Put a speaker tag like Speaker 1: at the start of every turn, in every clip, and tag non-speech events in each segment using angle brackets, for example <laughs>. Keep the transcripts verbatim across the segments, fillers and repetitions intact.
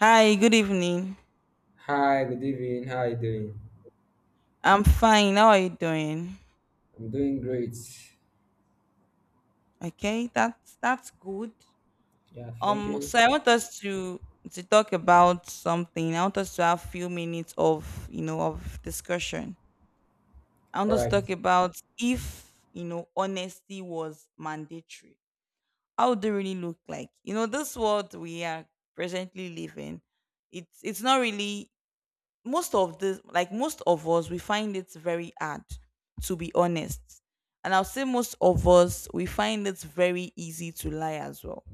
Speaker 1: Hi, good evening.
Speaker 2: Hi, good evening. How are you doing?
Speaker 1: I'm fine. How are you doing?
Speaker 2: I'm doing great.
Speaker 1: Okay, that's that's good.
Speaker 2: Yeah, thank
Speaker 1: Um,
Speaker 2: you.
Speaker 1: so I want us to to talk about something. I want us to have few minutes of you know of discussion. I want
Speaker 2: All
Speaker 1: us to
Speaker 2: right.
Speaker 1: talk about if you know honesty was mandatory. How would it really look like? You know, this world we are presently living, it's it's not really most of this, like most of us, we find it very hard to be honest, and I'll say most of us we find it very easy to lie as well.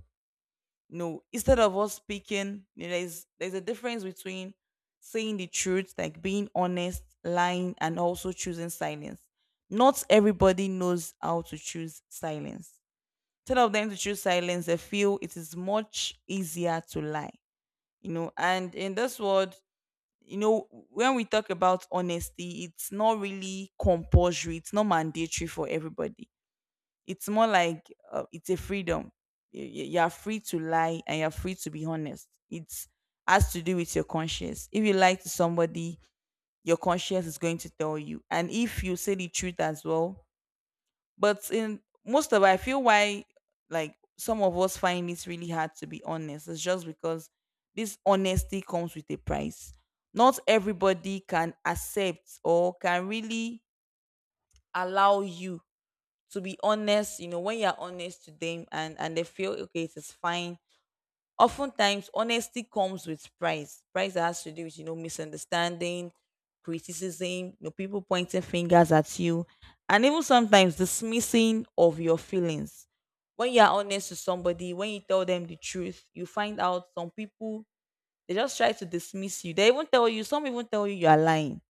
Speaker 1: No, instead of us speaking, you know, there's there's a difference between saying the truth, like being honest, lying, and also choosing silence. Not everybody knows how to choose silence. Instead of them to choose silence, they feel it is much easier to lie, you know and in this world, you know when we talk about honesty, it's not really compulsory, it's not mandatory for everybody. It's more like uh, it's a freedom. Y- y- you are free to lie and you're free to be honest. It's has to do with your conscience. If you lie to somebody, your conscience is going to tell you, and if you say the truth as well. But in most of, I feel why, like, some of us find it really hard to be honest. It's just because this honesty comes with a price. Not everybody can accept or can really allow you to be honest. You know, when you're honest to them, and and they feel okay, it is fine. Oftentimes, honesty comes with price. Price that has to do with, you know, misunderstanding, criticism, you know, people pointing fingers at you, and even sometimes dismissing of your feelings. When you are honest to somebody, when you tell them the truth, you find out some people, they just try to dismiss you. They even tell you, some even tell you you are lying.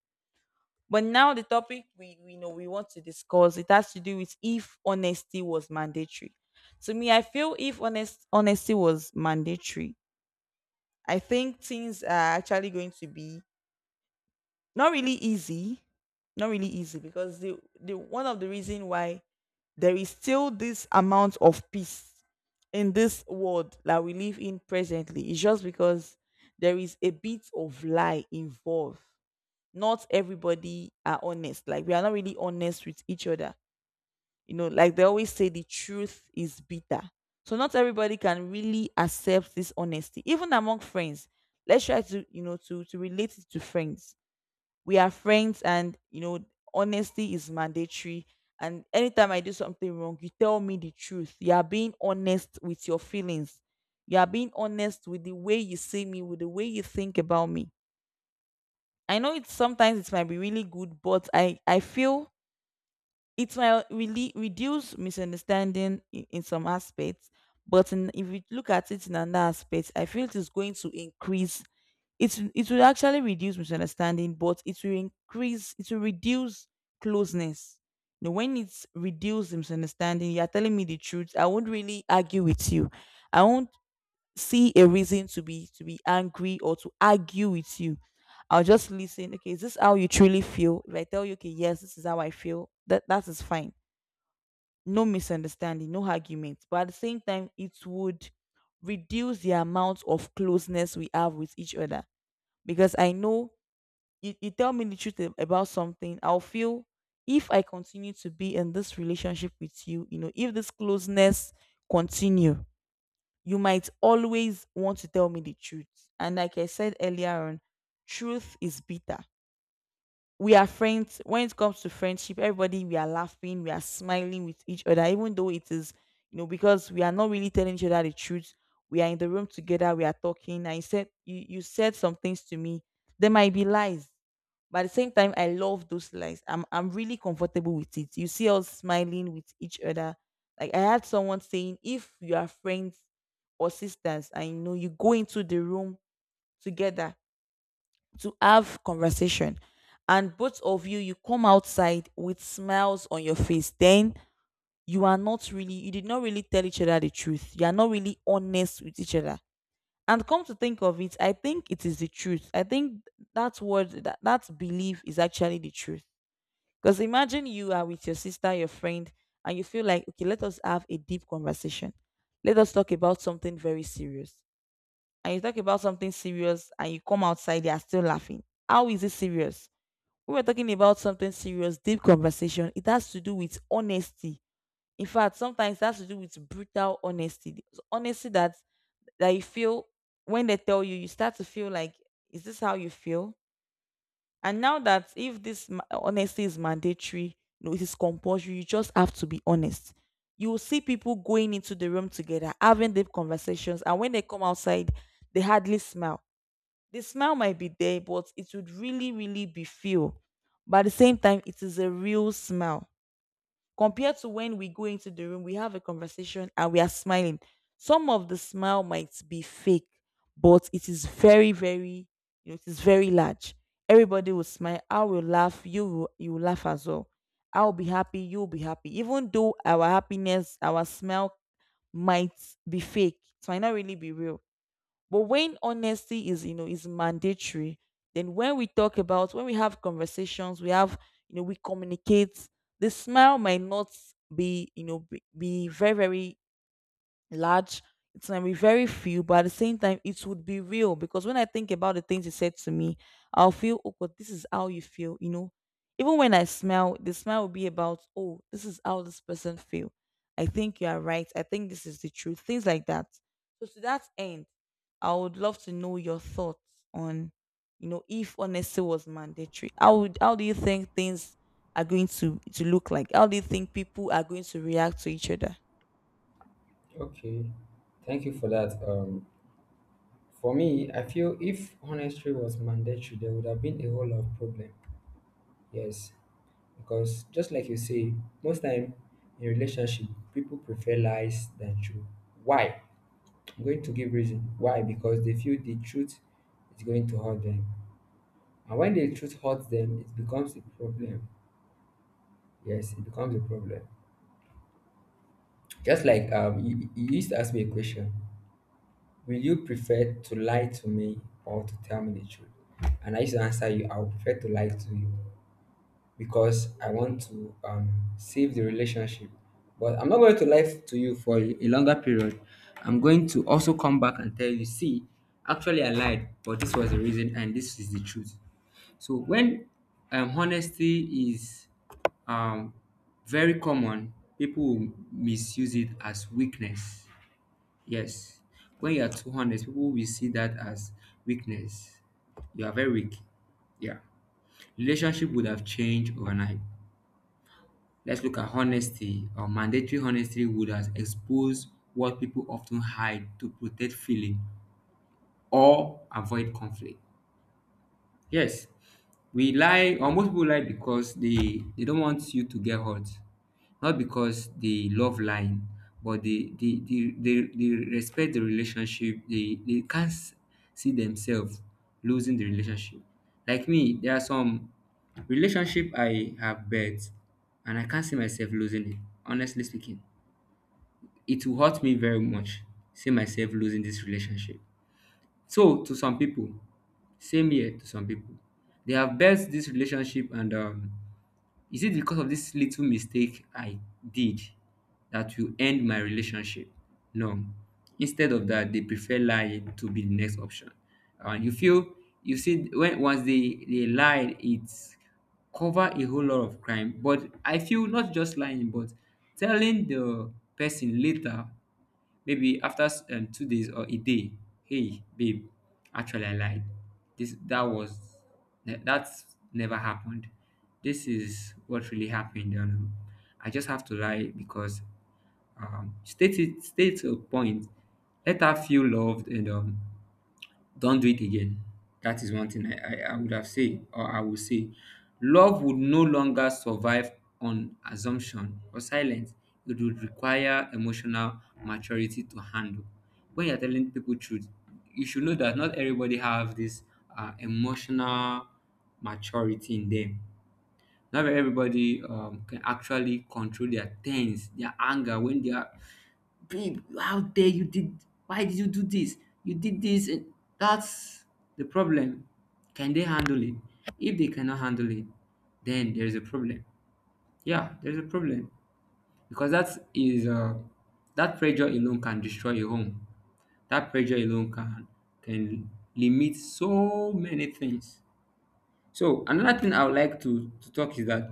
Speaker 1: But now the topic we, we know we want to discuss, it has to do with if honesty was mandatory. To me, I feel if honest honesty was mandatory, I think things are actually going to be not really easy, not really easy, because the the one of the reason why there is still this amount of peace in this world that we live in presently is just because there is a bit of lie involved. Not everybody are honest. Like, we are not really honest with each other. You know, like they always say, the truth is bitter, so not everybody can really accept this honesty, even among friends. Let's try to, you know, to to relate it to friends. We are friends, and you know, honesty is mandatory, and anytime I do something wrong, you tell me the truth, you are being honest with your feelings, you are being honest with the way you see me, with the way you think about me. I know it's sometimes it might be really good, but i i feel it will really reduce misunderstanding in, in some aspects. But in, if you look at it in another aspect, I feel it is going to increase. It, it will actually reduce misunderstanding, but it will increase, it will reduce closeness. You, when it's reduced misunderstanding, you're telling me the truth, I won't really argue with you. I won't see a reason to be, to be angry or to argue with you. I'll just listen. Okay, is this how you truly feel? If I tell you, okay, yes, this is how I feel, that that is fine. No misunderstanding, no argument. But at the same time, it would reduce the amount of closeness we have with each other. Because I know you, you tell me the truth ab- about something, I'll feel, if I continue to be in this relationship with you, you know, if this closeness continue, you might always want to tell me the truth. And like I said earlier on, truth is bitter. We are friends. When it comes to friendship, everybody, we are laughing, we are smiling with each other, even though it is, you know, because we are not really telling each other the truth. We are in the room together, we are talking. I said you, you said some things to me. There might be lies, but at the same time, I love those lies. I'm i'm really comfortable with it. You see us smiling with each other. Like, I had someone saying, if you are friends or sisters, I know you go into the room together to have conversation, and both of you, you come outside with smiles on your face, then you are not really, you did not really tell each other the truth, you are not really honest with each other. And come to think of it, I think it is the truth. I think that word, that, that belief is actually the truth. Because imagine you are with your sister, your friend, and you feel like, okay, let us have a deep conversation, let us talk about something very serious. And you talk about something serious, and you come outside, they are still laughing. How is it serious? We were talking about something serious, deep conversation. It has to do with honesty. In fact, sometimes it has to do with brutal honesty. The Honesty that that you feel, when they tell you, you start to feel like, is this how you feel? And now that, if this ma- honesty is mandatory, no, it is compulsory. You just have to be honest. You will see people going into the room together, having deep conversations, and when they come outside, they hardly smile. The smile might be there, but it would really, really be feel. But at the same time, it is a real smile. Compared to when we go into the room, we have a conversation and we are smiling. Some of the smile might be fake, but it is very, very, you know, it is very large. Everybody will smile. I will laugh. You will, you will laugh as well. I'll be happy. You'll be happy. Even though our happiness, our smile might be fake, it might not really be real. But when honesty is, you know, is mandatory, then when we talk about, when we have conversations, we have, you know, we communicate, the smile might not be, you know, be, be very, very large. It's gonna be very few, but at the same time, it would be real, because when I think about the things he said to me, I'll feel, oh God, this is how you feel, you know. Even when I smile, the smile will be about, oh, this is how this person feel. I think you are right. I think this is the truth. Things like that. So to that end, I would love to know your thoughts on, you know, if honesty was mandatory. How would, how do you think things are going to to look like? How do you think people are going to react to each other?
Speaker 2: Okay. Thank you for that. Um, for me, I feel if honesty was mandatory, there would have been a whole lot of problem. Yes, because just like you say, most time in relationship, people prefer lies than truth. Why? I'm going to give reason. Why? Because they feel the truth is going to hurt them, and when the truth hurts them, it becomes a problem. Yes, it becomes a problem. Just like um, you, you used to ask me a question. Will you prefer to lie to me or to tell me the truth? And I used to answer you, I would prefer to lie to you because I want to um, save the relationship. But I'm not going to lie to you for a a longer period. I'm going to also come back and tell you, see, actually I lied, but this was the reason and this is the truth. So when um, honesty is um, very common, people will misuse it as weakness. Yes. When you are too honest, people will see that as weakness. You are very weak. Yeah. Relationship would have changed overnight. Let's look at honesty, or mandatory honesty would have exposed what people often hide to protect feeling or avoid conflict. Yes, we lie, or most people lie because they they don't want you to get hurt, not because they love lying, but they they they, they, they respect the relationship. They they can't s- see themselves losing the relationship. Like me, there are some relationship I have built, and I can't see myself losing it. Honestly speaking, it will hurt me very much. See myself losing this relationship. So to some people, same here, to some people, they have built this relationship, and um, is it because of this little mistake I did that will end my relationship? No. Instead of that, they prefer lying to be the next option. Uh, you feel you see, when once they they lie, it's cover a whole lot of crime. But I feel not just lying, but telling the person later. Maybe after um, two days or a day, hey, babe, actually, I lied. This that was that- That's never happened. This is what really happened. Um, I just have to lie because um, state it, state a point. Let her feel loved and um, don't do it again. That is one thing I, I, I would have said, or I would say. Love would no longer survive on assumption or silence. It would require emotional maturity to handle. When you're telling people truth, you should know that not everybody have this uh, emotional maturity in them. Not everybody um, can actually control their tense, their anger, when they are, babe, how dare you did, why did you do this? You did this. And that's the problem. Can they handle it? If they cannot handle it, then there's a problem. Yeah, there's a problem because that is uh, that pressure alone can destroy a home. That pressure alone can can limit so many things. So another thing I would like to to talk is that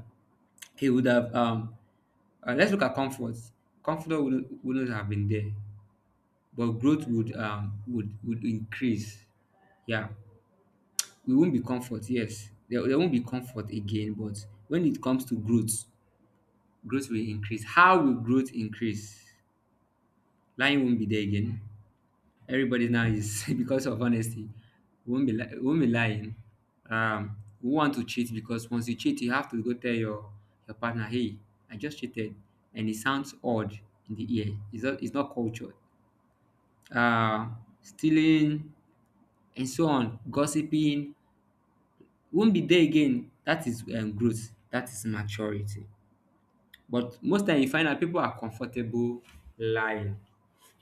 Speaker 2: he would have um uh, let's look at comfort. Comfort wouldn't, wouldn't have been there, but growth would um would would increase. Yeah, we won't be comfort. Yes, there, there won't be comfort again. But when it comes to growth, growth will increase. How will growth increase? Lying won't be there again. Everybody now is <laughs> because of honesty. We Won't be li- we won't be lying. Um, we want to cheat, because once you cheat, you have to go tell your your partner, "Hey, I just cheated," and it sounds odd in the ear. It's not it's not cultured. Uh, stealing and so on, gossiping, won't be there again. That is um, growth. That is maturity. But most time you find out people are comfortable lying.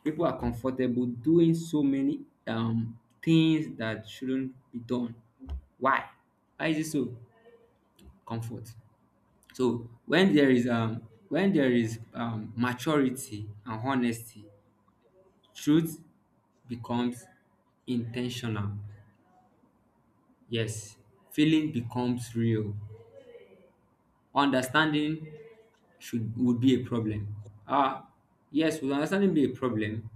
Speaker 2: People are comfortable doing so many um things that shouldn't be done. Why? Why is it so? Comfort. So when there is um when there is um maturity and honesty, truth becomes intentional. Yes, feeling becomes real. Understanding should would be a problem. Ah, yes, would understanding be a problem?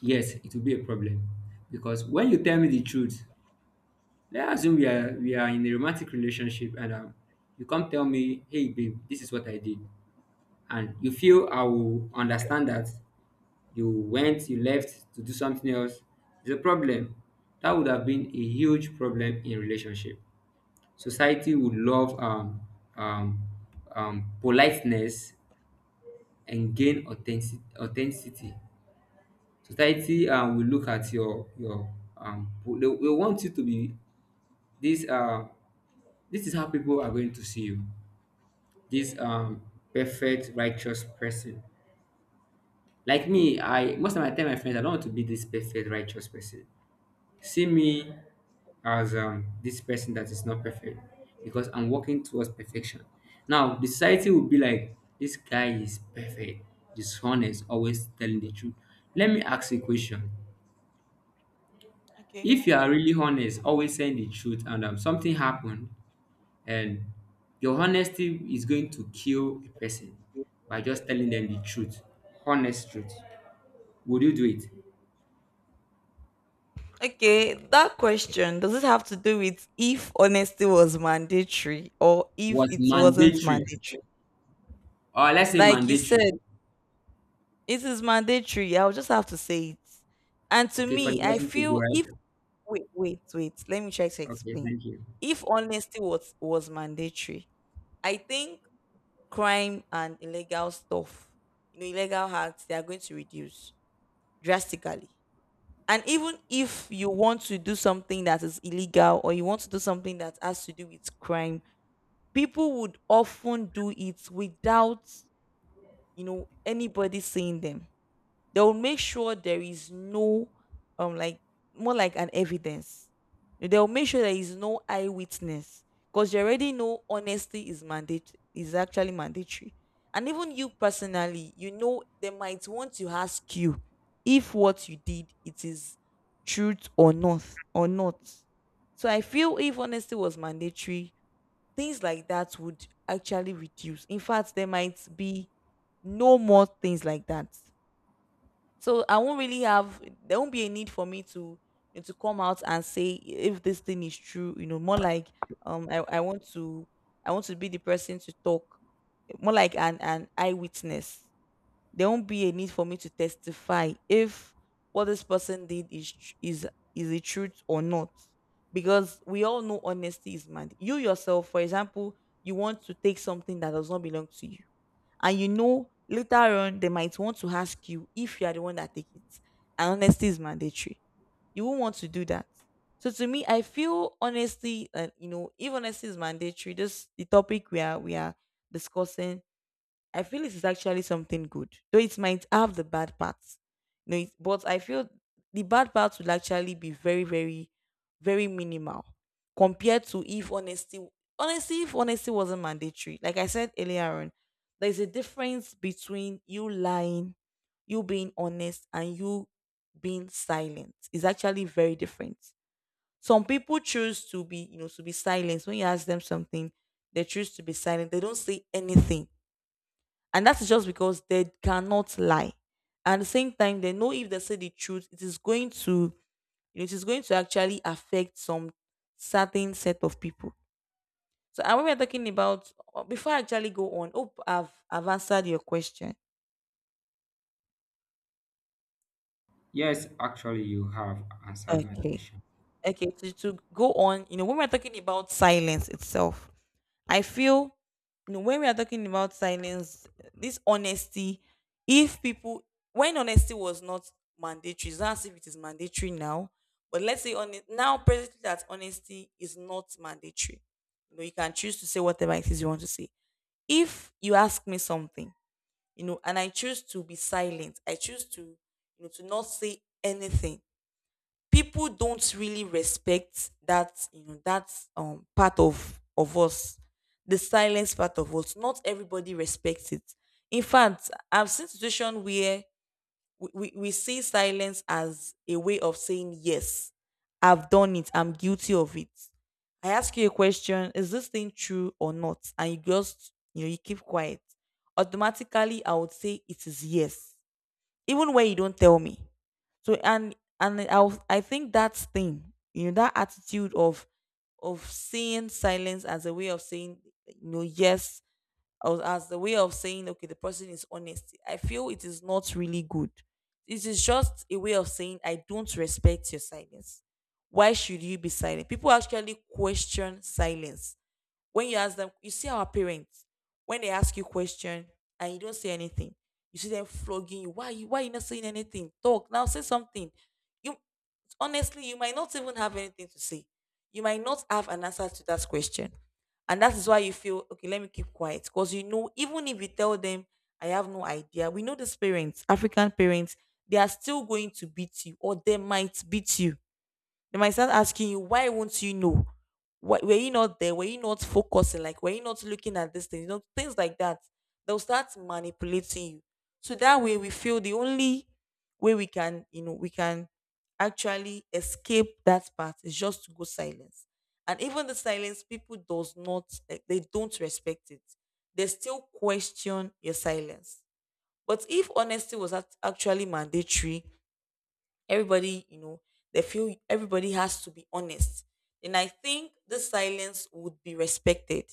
Speaker 2: Yes, it will be a problem, because when you tell me the truth, let's assume we are we are in a romantic relationship, and um, you come tell me, hey babe, this is what I did, and you feel I will understand that you went, you left to do something else. It's a problem. That would have been a huge problem in relationship. Society would love um um um politeness and gain authentic authenticity. Society um, will look at your your um po- they, will want you to be this uh this is how people are going to see you. This um perfect righteous person. Like me, I most of my time, my friends, I don't want to be this perfect righteous person. See me as um, this person that is not perfect, because I'm working towards perfection. Now, the society will be like, this guy is perfect, dishonest, always telling the truth. Let me ask you a question.
Speaker 1: Okay.
Speaker 2: If you are really honest, always saying the truth, and um, something happened, and your honesty is going to kill a person by just telling them the truth, honest truth. Would you do it?
Speaker 1: Okay, that question, does it have to do with if honesty was mandatory or if
Speaker 2: Was
Speaker 1: it wasn't
Speaker 2: mandatory,
Speaker 1: mandatory?
Speaker 2: or let's say
Speaker 1: Like you
Speaker 2: mandatory,
Speaker 1: said, it is mandatory. I'll just have to say it. And to
Speaker 2: okay, for the
Speaker 1: me, I
Speaker 2: person to go
Speaker 1: feel
Speaker 2: right?
Speaker 1: if, wait, wait, wait. Let me try to
Speaker 2: Okay,
Speaker 1: explain.
Speaker 2: thank you.
Speaker 1: If honesty was was mandatory, I think crime and illegal stuff, you know, illegal acts, they are going to reduce drastically. And even if you want to do something that is illegal, or you want to do something that has to do with crime, people would often do it without, you know, anybody seeing them. They will make sure there is no um like, more like an evidence. They'll make sure there is no eyewitness, because you already know honesty is mandate is actually mandatory. And even you personally, you know, they might want to ask you if what you did it is truth or not, or not. So I feel if honesty was mandatory, things like that would actually reduce. In fact, there might be no more things like that. So I won't really have, there won't be a need for me to, you know, to come out and say if this thing is true, you know, more like um I, I want to, I want to be the person to talk, more like an, an eyewitness. There won't be a need for me to testify if what this person did is tr- is is the truth or not. Because we all know honesty is mad. You yourself, for example, you want to take something that does not belong to you and you know later on they might want to ask you if you are the one that take it and honesty is mandatory, you won't want to do that. So to me, I feel honesty uh, you know if honesty is mandatory, this the topic we are we are discussing, I feel it is actually something good, though it might have the bad parts. You know, it, but I feel the bad parts will actually be very, very, very minimal compared to if honesty. Honestly, if honesty wasn't mandatory, like I said earlier on, there's a difference between you lying, you being honest, and you being silent. It's actually very different. Some people choose to be, you know, to be silent. When you ask them something, they choose to be silent. They don't say anything and that is just because they cannot lie. At the same time, they know if they say the truth, it is going to you know, it is going to actually affect some certain set of people. So and when we're talking about uh, before I actually go on, hope I've I've answered your question.
Speaker 2: Yes, actually, you have answered my
Speaker 1: Okay.
Speaker 2: question.
Speaker 1: Okay, to, to go on, you know, when we're talking about silence itself, I feel, you know, when we are talking about silence, this honesty, if people when honesty was not mandatory, it's not as if it is mandatory now. But let's say on now presently that honesty is not mandatory. You know, you can choose to say whatever it is you want to say. If you ask me something, you know, and I choose to be silent, I choose to, you know, to not say anything. People don't really respect that, you know, that um part of of us, the silence part of us. Not everybody respects it. In fact, I've seen situation where we, we, we see silence as a way of saying yes. I've done it, I'm guilty of it. I ask you a question, is this thing true or not, and you just, you know you keep quiet. Automatically, I would say it is yes, even when you don't tell me. So and and I I think that thing, you know, that attitude of of seeing silence as a way of saying, you know, yes, or as the way of saying okay, the person is honest. I feel it is not really good. It is just a way of saying I don't respect your silence. Why should you be silent? People actually question silence. When you ask them, you see our parents, when they ask you question and you don't say anything, you see them flogging you. Why are you why you not saying anything? Talk now, say something. You honestly, you might not even have anything to say. You might not have an answer to that question. And that is why you feel okay, let me keep quiet. Because you know, even if you tell them I have no idea, we know these parents, African parents, they are still going to beat you, or they might beat you. They might start asking you, why won't you know? Why, were you not there? Were you not focusing? Like, were you not looking at this thing? You know, things like that. They'll start manipulating you. So that way, we feel the only way we can, you know, we can actually escape that part is just to go silence. And even the silence, people does not, like, they don't respect it. They still question your silence. But if honesty was act- actually mandatory, everybody, you know, they feel everybody has to be honest. And I think this silence would be respected.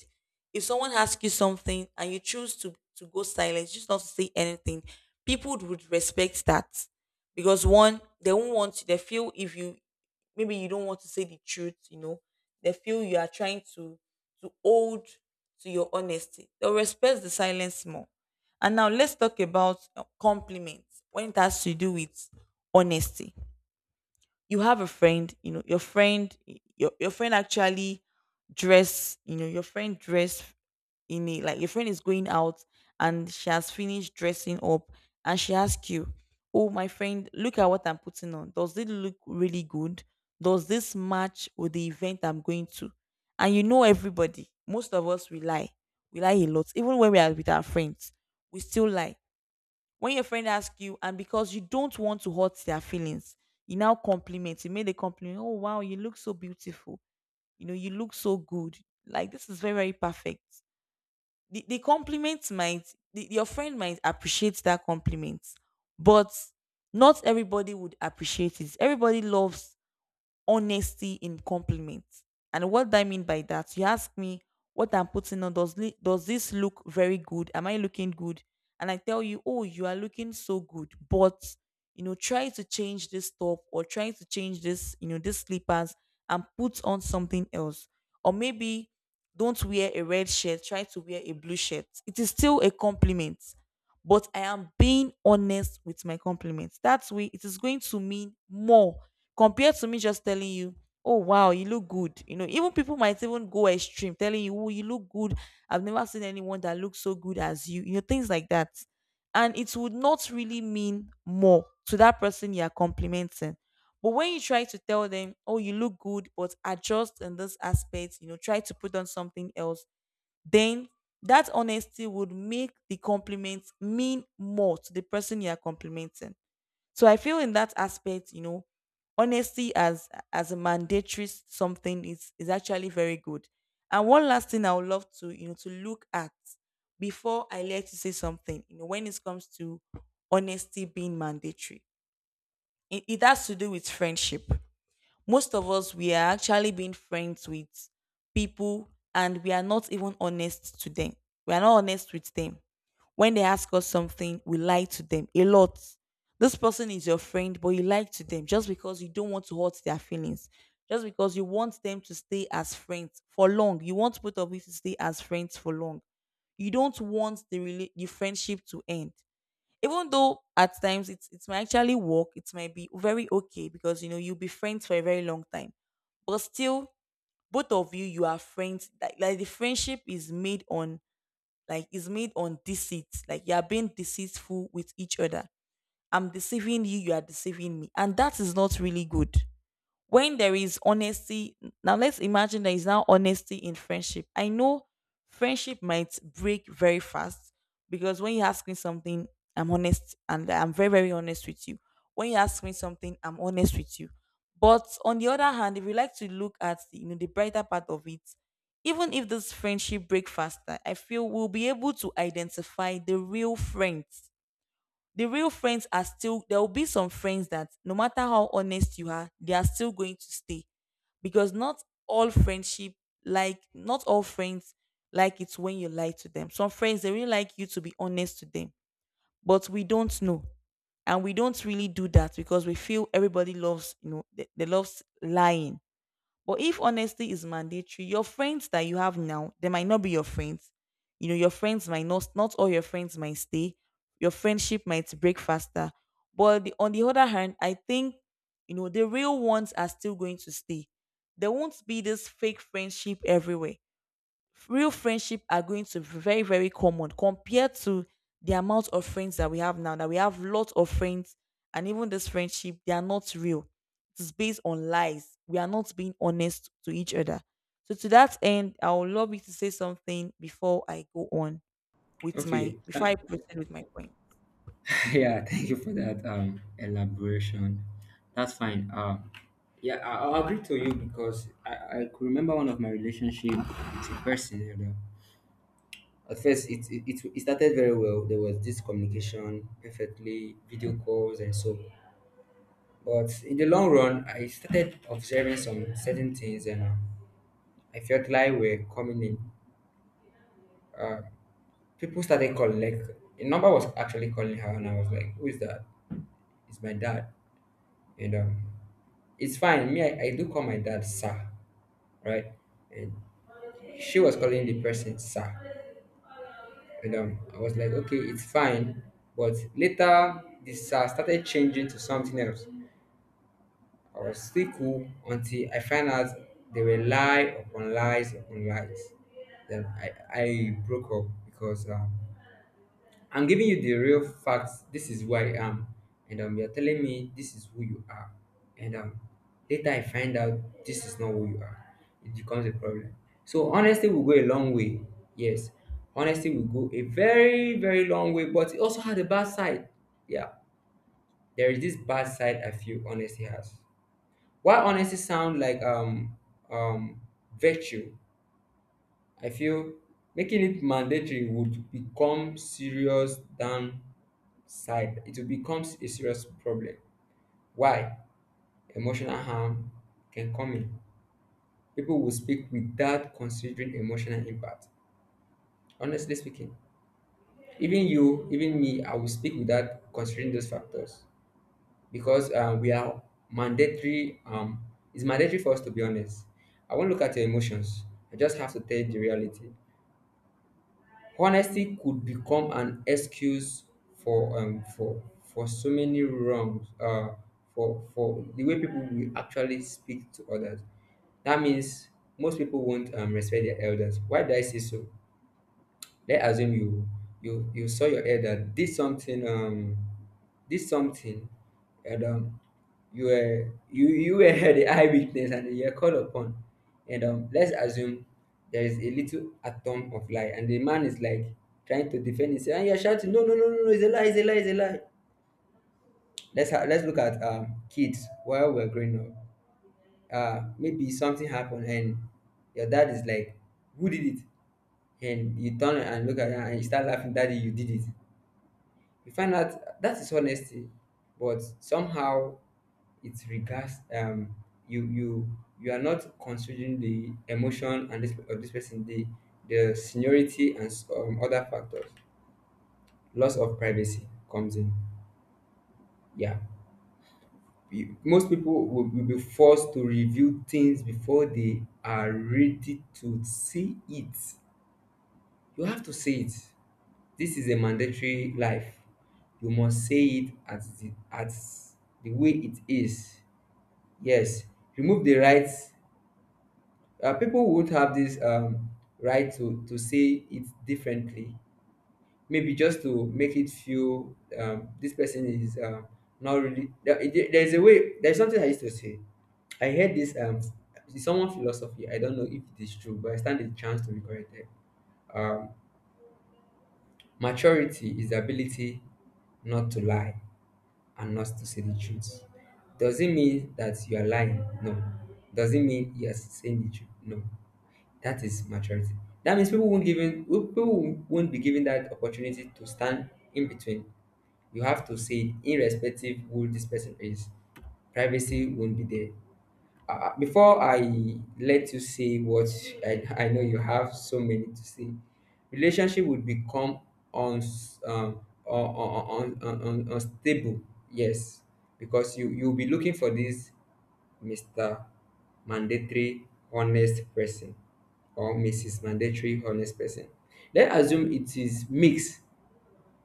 Speaker 1: If someone asks you something and you choose to, to go silent, just not to say anything, people would respect that. Because one, they won't want to, they feel if you maybe you don't want to say the truth, you know, they feel you are trying to to hold to your honesty. They'll respect the silence more. And now let's talk about uh, compliments when it has to do with honesty. You have a friend, you know, your friend your your friend actually dress, you know, your friend dress in a like your friend is going out and she has finished dressing up and she asks you, oh, my friend, look at what I'm putting on. Does it look really good? Does this match with the event I'm going to? And you know everybody. Most of us, we lie. We lie a lot. Even when we are with our friends, we still lie. When your friend asks you, and because you don't want to hurt their feelings, you now compliment. You made a compliment. Oh wow, you look so beautiful. You know, you look so good. Like this is very, very perfect. The, the compliment might the, your friend might appreciate that compliment, but not everybody would appreciate it. Everybody loves honesty in compliments. And what do I mean by that? You ask me what I'm putting on. Does li- does this look very good? Am I looking good? And I tell you, oh, you are looking so good. But you know, try to change this top or try to change this, you know, this slippers and put on something else. Or maybe don't wear a red shirt. Try to wear a blue shirt. It is still a compliment, but I am being honest with my compliments. That way, it is going to mean more compared to me just telling you, oh, wow, you look good. You know, even people might even go extreme telling you, oh, you look good. I've never seen anyone that looks so good as you, you know, things like that. And it would not really mean more to that person you are complimenting. But when you try to tell them, oh, you look good, but adjust in this aspect, you know, try to put on something else, then that honesty would make the compliment mean more to the person you are complimenting. So I feel in that aspect, you know, honesty as as a mandatory s- something is is actually very good. And one last thing I would love to, you know, to look at before I let you say something, you know, when it comes to honesty being mandatory, it, it has to do with friendship. Most of us, we are actually being friends with people, and we are not even honest to them. We are not honest with them. When they ask us something, we lie to them a lot. This person is your friend, but you lie to them just because you don't want to hurt their feelings, just because you want them to stay as friends for long. You want both of you to stay as friends for long. You don't want the rela- the friendship to end, even though at times it's it might actually work, it might be very okay because you know you'll be friends for a very long time. But still, both of you, you are friends. Like, like the friendship is made on like is made on deceit. Like you are being deceitful with each other. I'm deceiving you, you are deceiving me. And that is not really good. When there is honesty, now let's imagine there is now honesty in friendship. I know friendship might break very fast, because when you ask me something, I'm honest, and I'm very very honest with you. When you ask me something, I'm honest with you. But on the other hand, if you like to look at the, you know, the brighter part of it, even if this friendship break faster, I feel we'll be able to identify the real friends. The real friends are still there will be some friends that no matter how honest you are, they are still going to stay, because not all friendship like not all friends like it when you lie to them. Some friends they really like you to be honest to them, but we don't know. And we don't really do that because we feel everybody loves, you know, they, they loves lying. But if honesty is mandatory, your friends that you have now, they might not be your friends. You know, your friends might not, not all your friends might stay. Your friendship might break faster. But the, on the other hand, I think, you know, the real ones are still going to stay. There won't be this fake friendship everywhere. Real friendship are going to be very very common compared to the amount of friends that we have now, that we have lots of friends, and even this friendship they are not real, it is based on lies, we are not being honest to each other. So to that end, I would love you to say something before I go on with my
Speaker 2: Okay,
Speaker 1: before
Speaker 2: th-
Speaker 1: I proceed with my point.
Speaker 2: <laughs> yeah, thank you for that um, elaboration. That's fine. Um, yeah, I- I'll agree to you, because I, I could remember one of my relationship with a person. You know, at first it, it it it started very well. There was this communication perfectly, video calls and so. But in the long run, I started observing some certain things, and uh, I felt like we're coming in. uh, people started calling, like a number was actually calling her, and I was like, who is that? It's my dad. And um it's fine. Me, I, I do call my dad sir, right? And she was calling the person sir. And um I was like, okay, it's fine. But later this sir started changing to something else. I was still cool until I found out they were lie upon lies upon lies. Then I, I broke up because uh, I'm giving you the real facts. This is who I am. And um, you're telling me this is who you are. And um, later I find out this is not who you are. It becomes a problem. So honesty will go a long way. Yes. Honesty will go a very, very long way, but it also has a bad side. Yeah. There is this bad side I feel honesty has. While honesty sound like um um virtue, I feel making it mandatory would become serious than side, it becomes a serious problem. Why? Emotional harm can come in. People will speak without considering emotional impact. Honestly speaking, even you, even me, I will speak without considering those factors, because uh, we are mandatory. Um, it's mandatory for us to be honest. I won't look at your emotions. I just have to tell you the reality. Honesty could become an excuse for um for for so many wrongs, uh for for the way people will actually speak to others. That means most people won't um respect their elders. Why do I say so? Let's assume you you you saw your elder did something, um did something and um you were you you were <laughs> the eyewitness, and you were called upon, and um let's assume there is a little atom of lie, and the man is like trying to defend himself, and you're shouting, no, no, no, no, no, it's a lie, it's a lie, it's a lie. Let's ha- let's look at um kids while we're growing up. Uh maybe something happened, and your dad is like, who did it? And you turn and look at her and you start laughing, daddy, you did it. We find out that is honesty, but somehow it regards, um you you you are not considering the emotion and this of this person, the the seniority and some other factors. Loss of privacy comes in. Yeah, You- most people will, will be forced to review things before they are ready to see it. You have to see it. This is a mandatory life. You must say it as the as the way it is. Yes, remove the right. Uh, people would have this um right to to say it differently. Maybe just to make it feel, um this person is um not really. There, there- there's a way. There's something I used to say. I heard this um someone philosophy. I don't know if it is true, but I stand a chance to be corrected. Um, Maturity is the ability not to lie and not to say the truth. Does it mean that you are lying? No. Does it mean you are saying the truth? No. That is maturity. That means people won't given people won't be given that opportunity to stand in between. You have to say it irrespective who this person is. Privacy won't be there. Uh, before I let you say what I, I know you have so many to say, relationship would become uns, um, un, un, un, un, unstable. Yes, because you you'll be looking for this mister Mandatory Honest Person or missus Mandatory Honest Person. Let's assume it is mixed.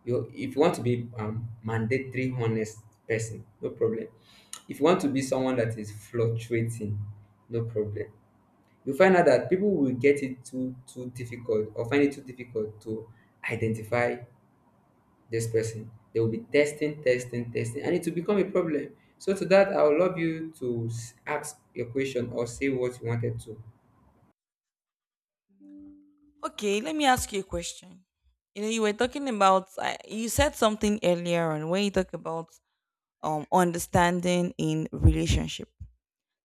Speaker 2: You if you want to be um mandatory honest person, no problem. If you want to be someone that is fluctuating, no problem. You find out that people will get it too too difficult or find it too difficult to identify this person. They will be testing testing testing and it will become a problem. So to that I would love you to s- ask your question or say what you wanted to.
Speaker 1: Okay, let me ask you a question. You know, you were talking about I you said something earlier on when you talk about um understanding in relationship.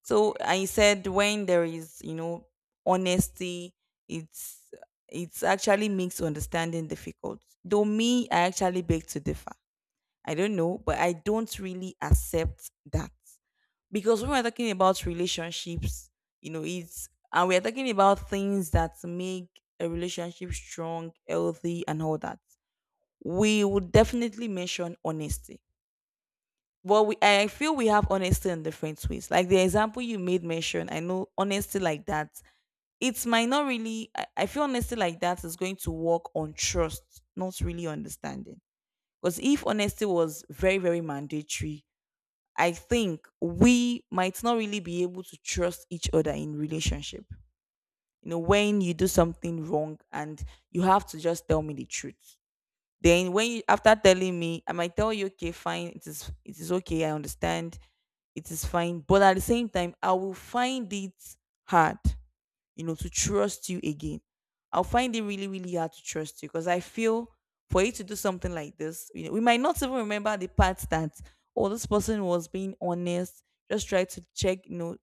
Speaker 1: So I said when there is, you know, honesty, it's it's actually makes understanding difficult. Though me, I actually beg to differ. I don't know, but I don't really accept that. Because when we're talking about relationships, you know, it's and we're talking about things that make a relationship strong, healthy, and all that. We would definitely mention honesty. Well, we, i feel we have honesty in different ways. Like the example you made mention, I know honesty like that, it might not really i, I feel honesty like that is going to work on trust, not really understanding. Because if honesty was very very mandatory, I think we might not really be able to trust each other in relationship. You know, when you do something wrong and you have to just tell me the truth, then when you, after telling me, I might tell you, okay, fine, it is it is okay, I understand, it is fine. But at the same time, I will find it hard, you know, to trust you again. I'll find it really, really hard to trust you, because I feel for you to do something like this, you know, we might not even remember the part that, oh, this person was being honest. Just try to check, you know,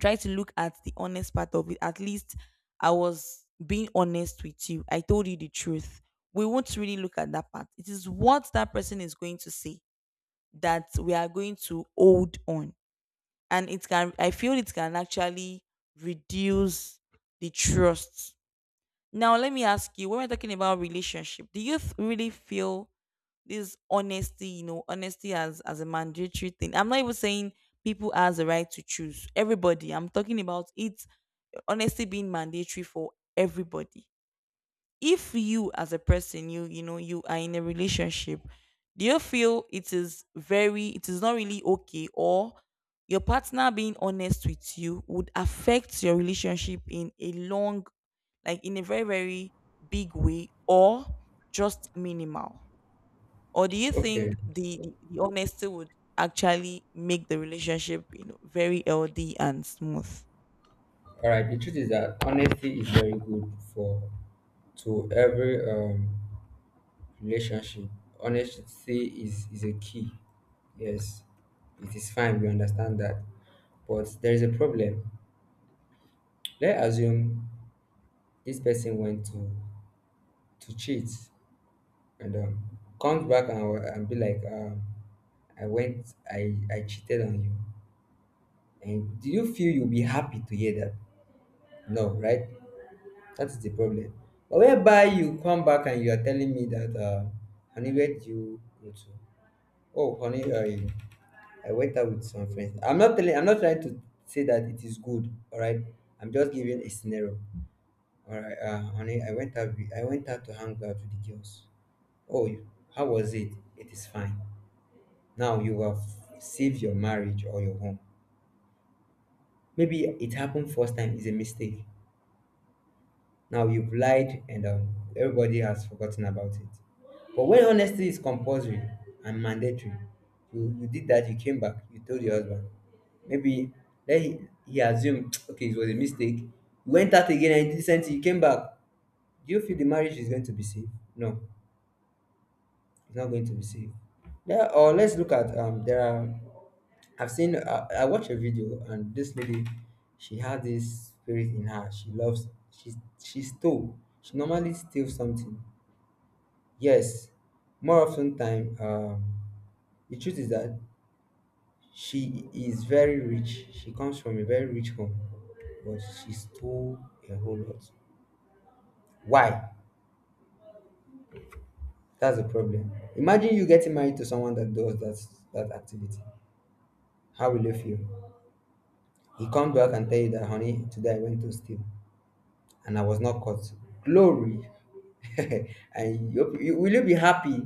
Speaker 1: try to look at the honest part of it. At least I was being honest with you, I told you the truth. We won't really look at that part. It is what that person is going to say that we are going to hold on, and it can I feel it can actually reduce the trust. Now let me ask you, when we're talking about relationship, do you th- really feel this honesty, you know, honesty as as a mandatory thing? I'm not even saying people has the right to choose, everybody I'm talking about it, honesty being mandatory for everybody. If you as a person, you you know, you are in a relationship, do you feel it is very, it is not really okay, or your partner being honest with you would affect your relationship in a long, like in a very very big way, or just minimal? Or do you
Speaker 2: Okay,
Speaker 1: think the the honesty would actually make the relationship, you know, very healthy and smooth?
Speaker 2: all right, the truth is that honesty is very good for to every um relationship. Honesty is is a key. Yes, it is fine, we understand that, but there is a problem. Let's assume this person went to to cheat and, um, comes back and, and be like, um, I went i i cheated on you. And do you feel you'll be happy to hear that? No, right? That is the problem. But whereby you come back and you are telling me that, uh, I needed you to. Oh, honey, I I went out with some friends. I'm not telling, I'm not trying to say that it is good. All right, I'm just giving a scenario. All right, uh, honey, I went out. with- I went out to hang out with the girls. Oh, you- how was it? It is fine. Now you have saved your marriage or your home. Maybe it happened first time is a mistake. Now you've lied and um, everybody has forgotten about it. But when honesty is compulsory and mandatory, you, you did that, you came back, you told your husband. Maybe then he, he assumed, <tsk> okay, it was a mistake. You went out again and you did not same thing, you came back. Do you feel the marriage is going to be safe? No, it's not going to be safe. Yeah, or let's look at um there are. I've seen, uh, I watched a video, and this lady, she had this spirit in her. She loves she she stole. She normally steals something. Yes, more often time, um the truth is that she is very rich, she comes from a very rich home, but she stole a whole lot. Why? That's the problem. Imagine you getting married to someone that does that that activity. How will you feel? He come back and tell you that, honey, today I went to steal and I was not caught. Glory. <laughs> And you, you, will you be happy?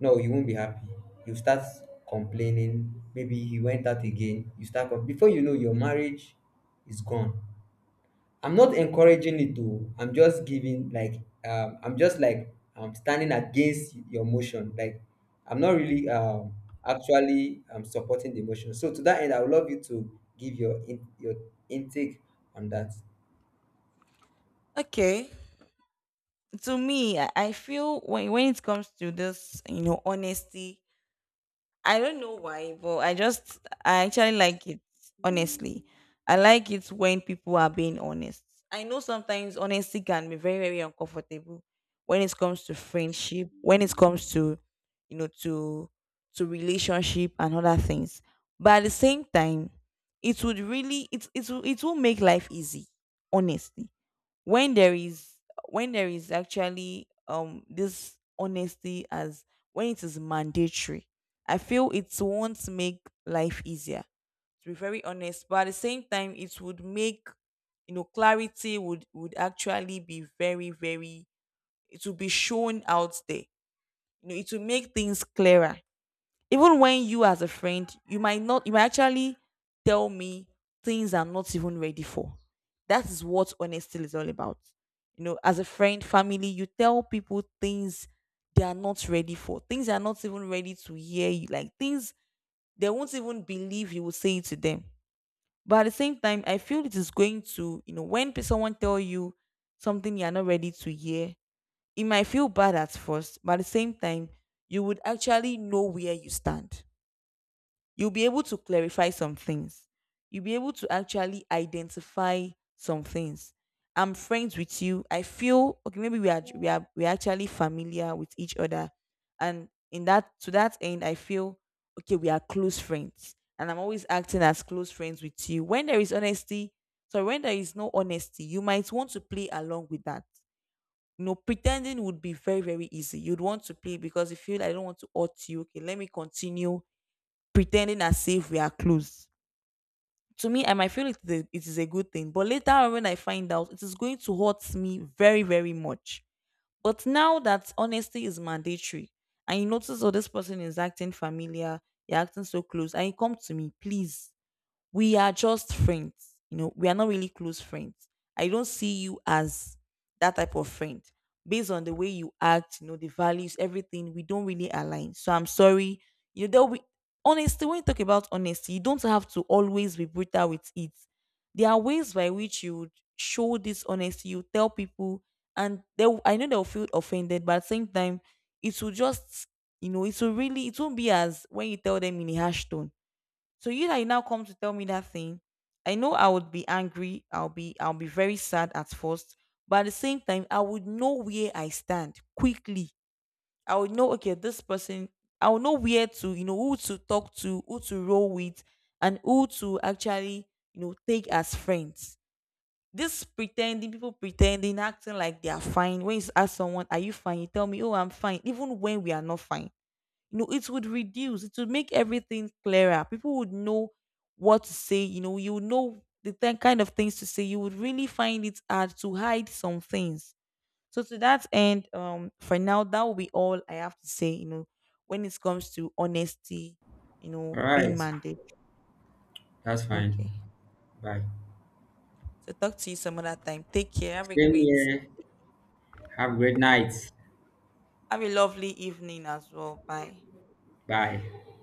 Speaker 2: No, you won't be happy. You start complaining. Maybe he went out again. You start, com- before you know, your marriage is gone. I'm not encouraging it though, I'm just giving like, um I'm just like, I'm standing against your motion. Like, I'm not really um actually um supporting the motion. So to that end, I would love you to give your in, your intake on that.
Speaker 1: Okay. To me, I I feel when when it comes to this, you know, honesty, I don't know why, but I just, I actually like it. Honestly, I like it when people are being honest. I know sometimes honesty can be very very uncomfortable, when it comes to friendship, when it comes to you know to to relationship and other things. But at the same time, it would really it it will- it will make life easy. Honestly, when there is, when there is actually um this honesty, as when it is mandatory, I feel it won't make life easier, to be very honest. But at the same time, it would make, you know, clarity would would actually be very very, it would be shown out there. You know, it will make things clearer. Even when you, as a friend, you might not, you might actually tell me things I'm not even ready for. That is what honesty is all about. You know, as a friend, family, you tell people things they are not ready for, things they are not even ready to hear you, like things they won't even believe you will say it to them. But at the same time, I feel it is going to, you know, when pe- someone tell you something you're not ready to hear, it might feel bad at first, but at the same time, you would actually know where you stand, you'll be able to clarify some things. You'll be able to actually identify some things. I'm friends with you, I feel okay. Maybe we are we are we are actually familiar with each other, and in that to that end, I feel okay, we are close friends, and I'm always acting as close friends with you. When there is honesty, so when there is no honesty, you might want to play along with that. You know, pretending would be very very easy. You'd want to play because you feel I don't want to hurt you. Okay, let me continue pretending as if we are close. To me, I might feel it is, a, it is a good thing, but later on when I find out, it is going to hurt me very, very much. But now that honesty is mandatory, and you notice, oh, this person is acting familiar, you're acting so close, and you come to me, please, we are just friends. You know, we are not really close friends. I don't see you as that type of friend. Based on the way you act, you know, the values, everything, we don't really align. So I'm sorry. You know, there'll be honesty. When you talk about honesty, you don't have to always be brutal with it. There are ways by which you would show this honesty, you tell people, and they'll I know they'll feel offended, but at the same time, it will just, you know, it will really, it won't be as when you tell them in a harsh tone. So you that you now come to tell me that thing, I know I would be angry. I'll be I'll be very sad at first, but at the same time, I would know where I stand quickly. I would know, okay, this person, I would know where to, you know, who to talk to, who to roll with, and who to actually, you know, take as friends. This pretending, people pretending, acting like they are fine. When you ask someone, "Are you fine?" You tell me, "Oh, I'm fine," even when we are not fine. You know, it would reduce, it would make everything clearer. People would know what to say, you know, you would know the th- kind of things to say. You would really find it hard to hide some things. So to that end, um for now that will be all I have to say, you know, when it comes to honesty, you know,
Speaker 2: All
Speaker 1: being
Speaker 2: right,
Speaker 1: mandate.
Speaker 2: that's fine.
Speaker 1: Okay,
Speaker 2: Bye.
Speaker 1: so talk to you some other time, take care, have a
Speaker 2: Same
Speaker 1: great,
Speaker 2: here. Have a great night.
Speaker 1: have a lovely evening as well. Bye.
Speaker 2: Bye.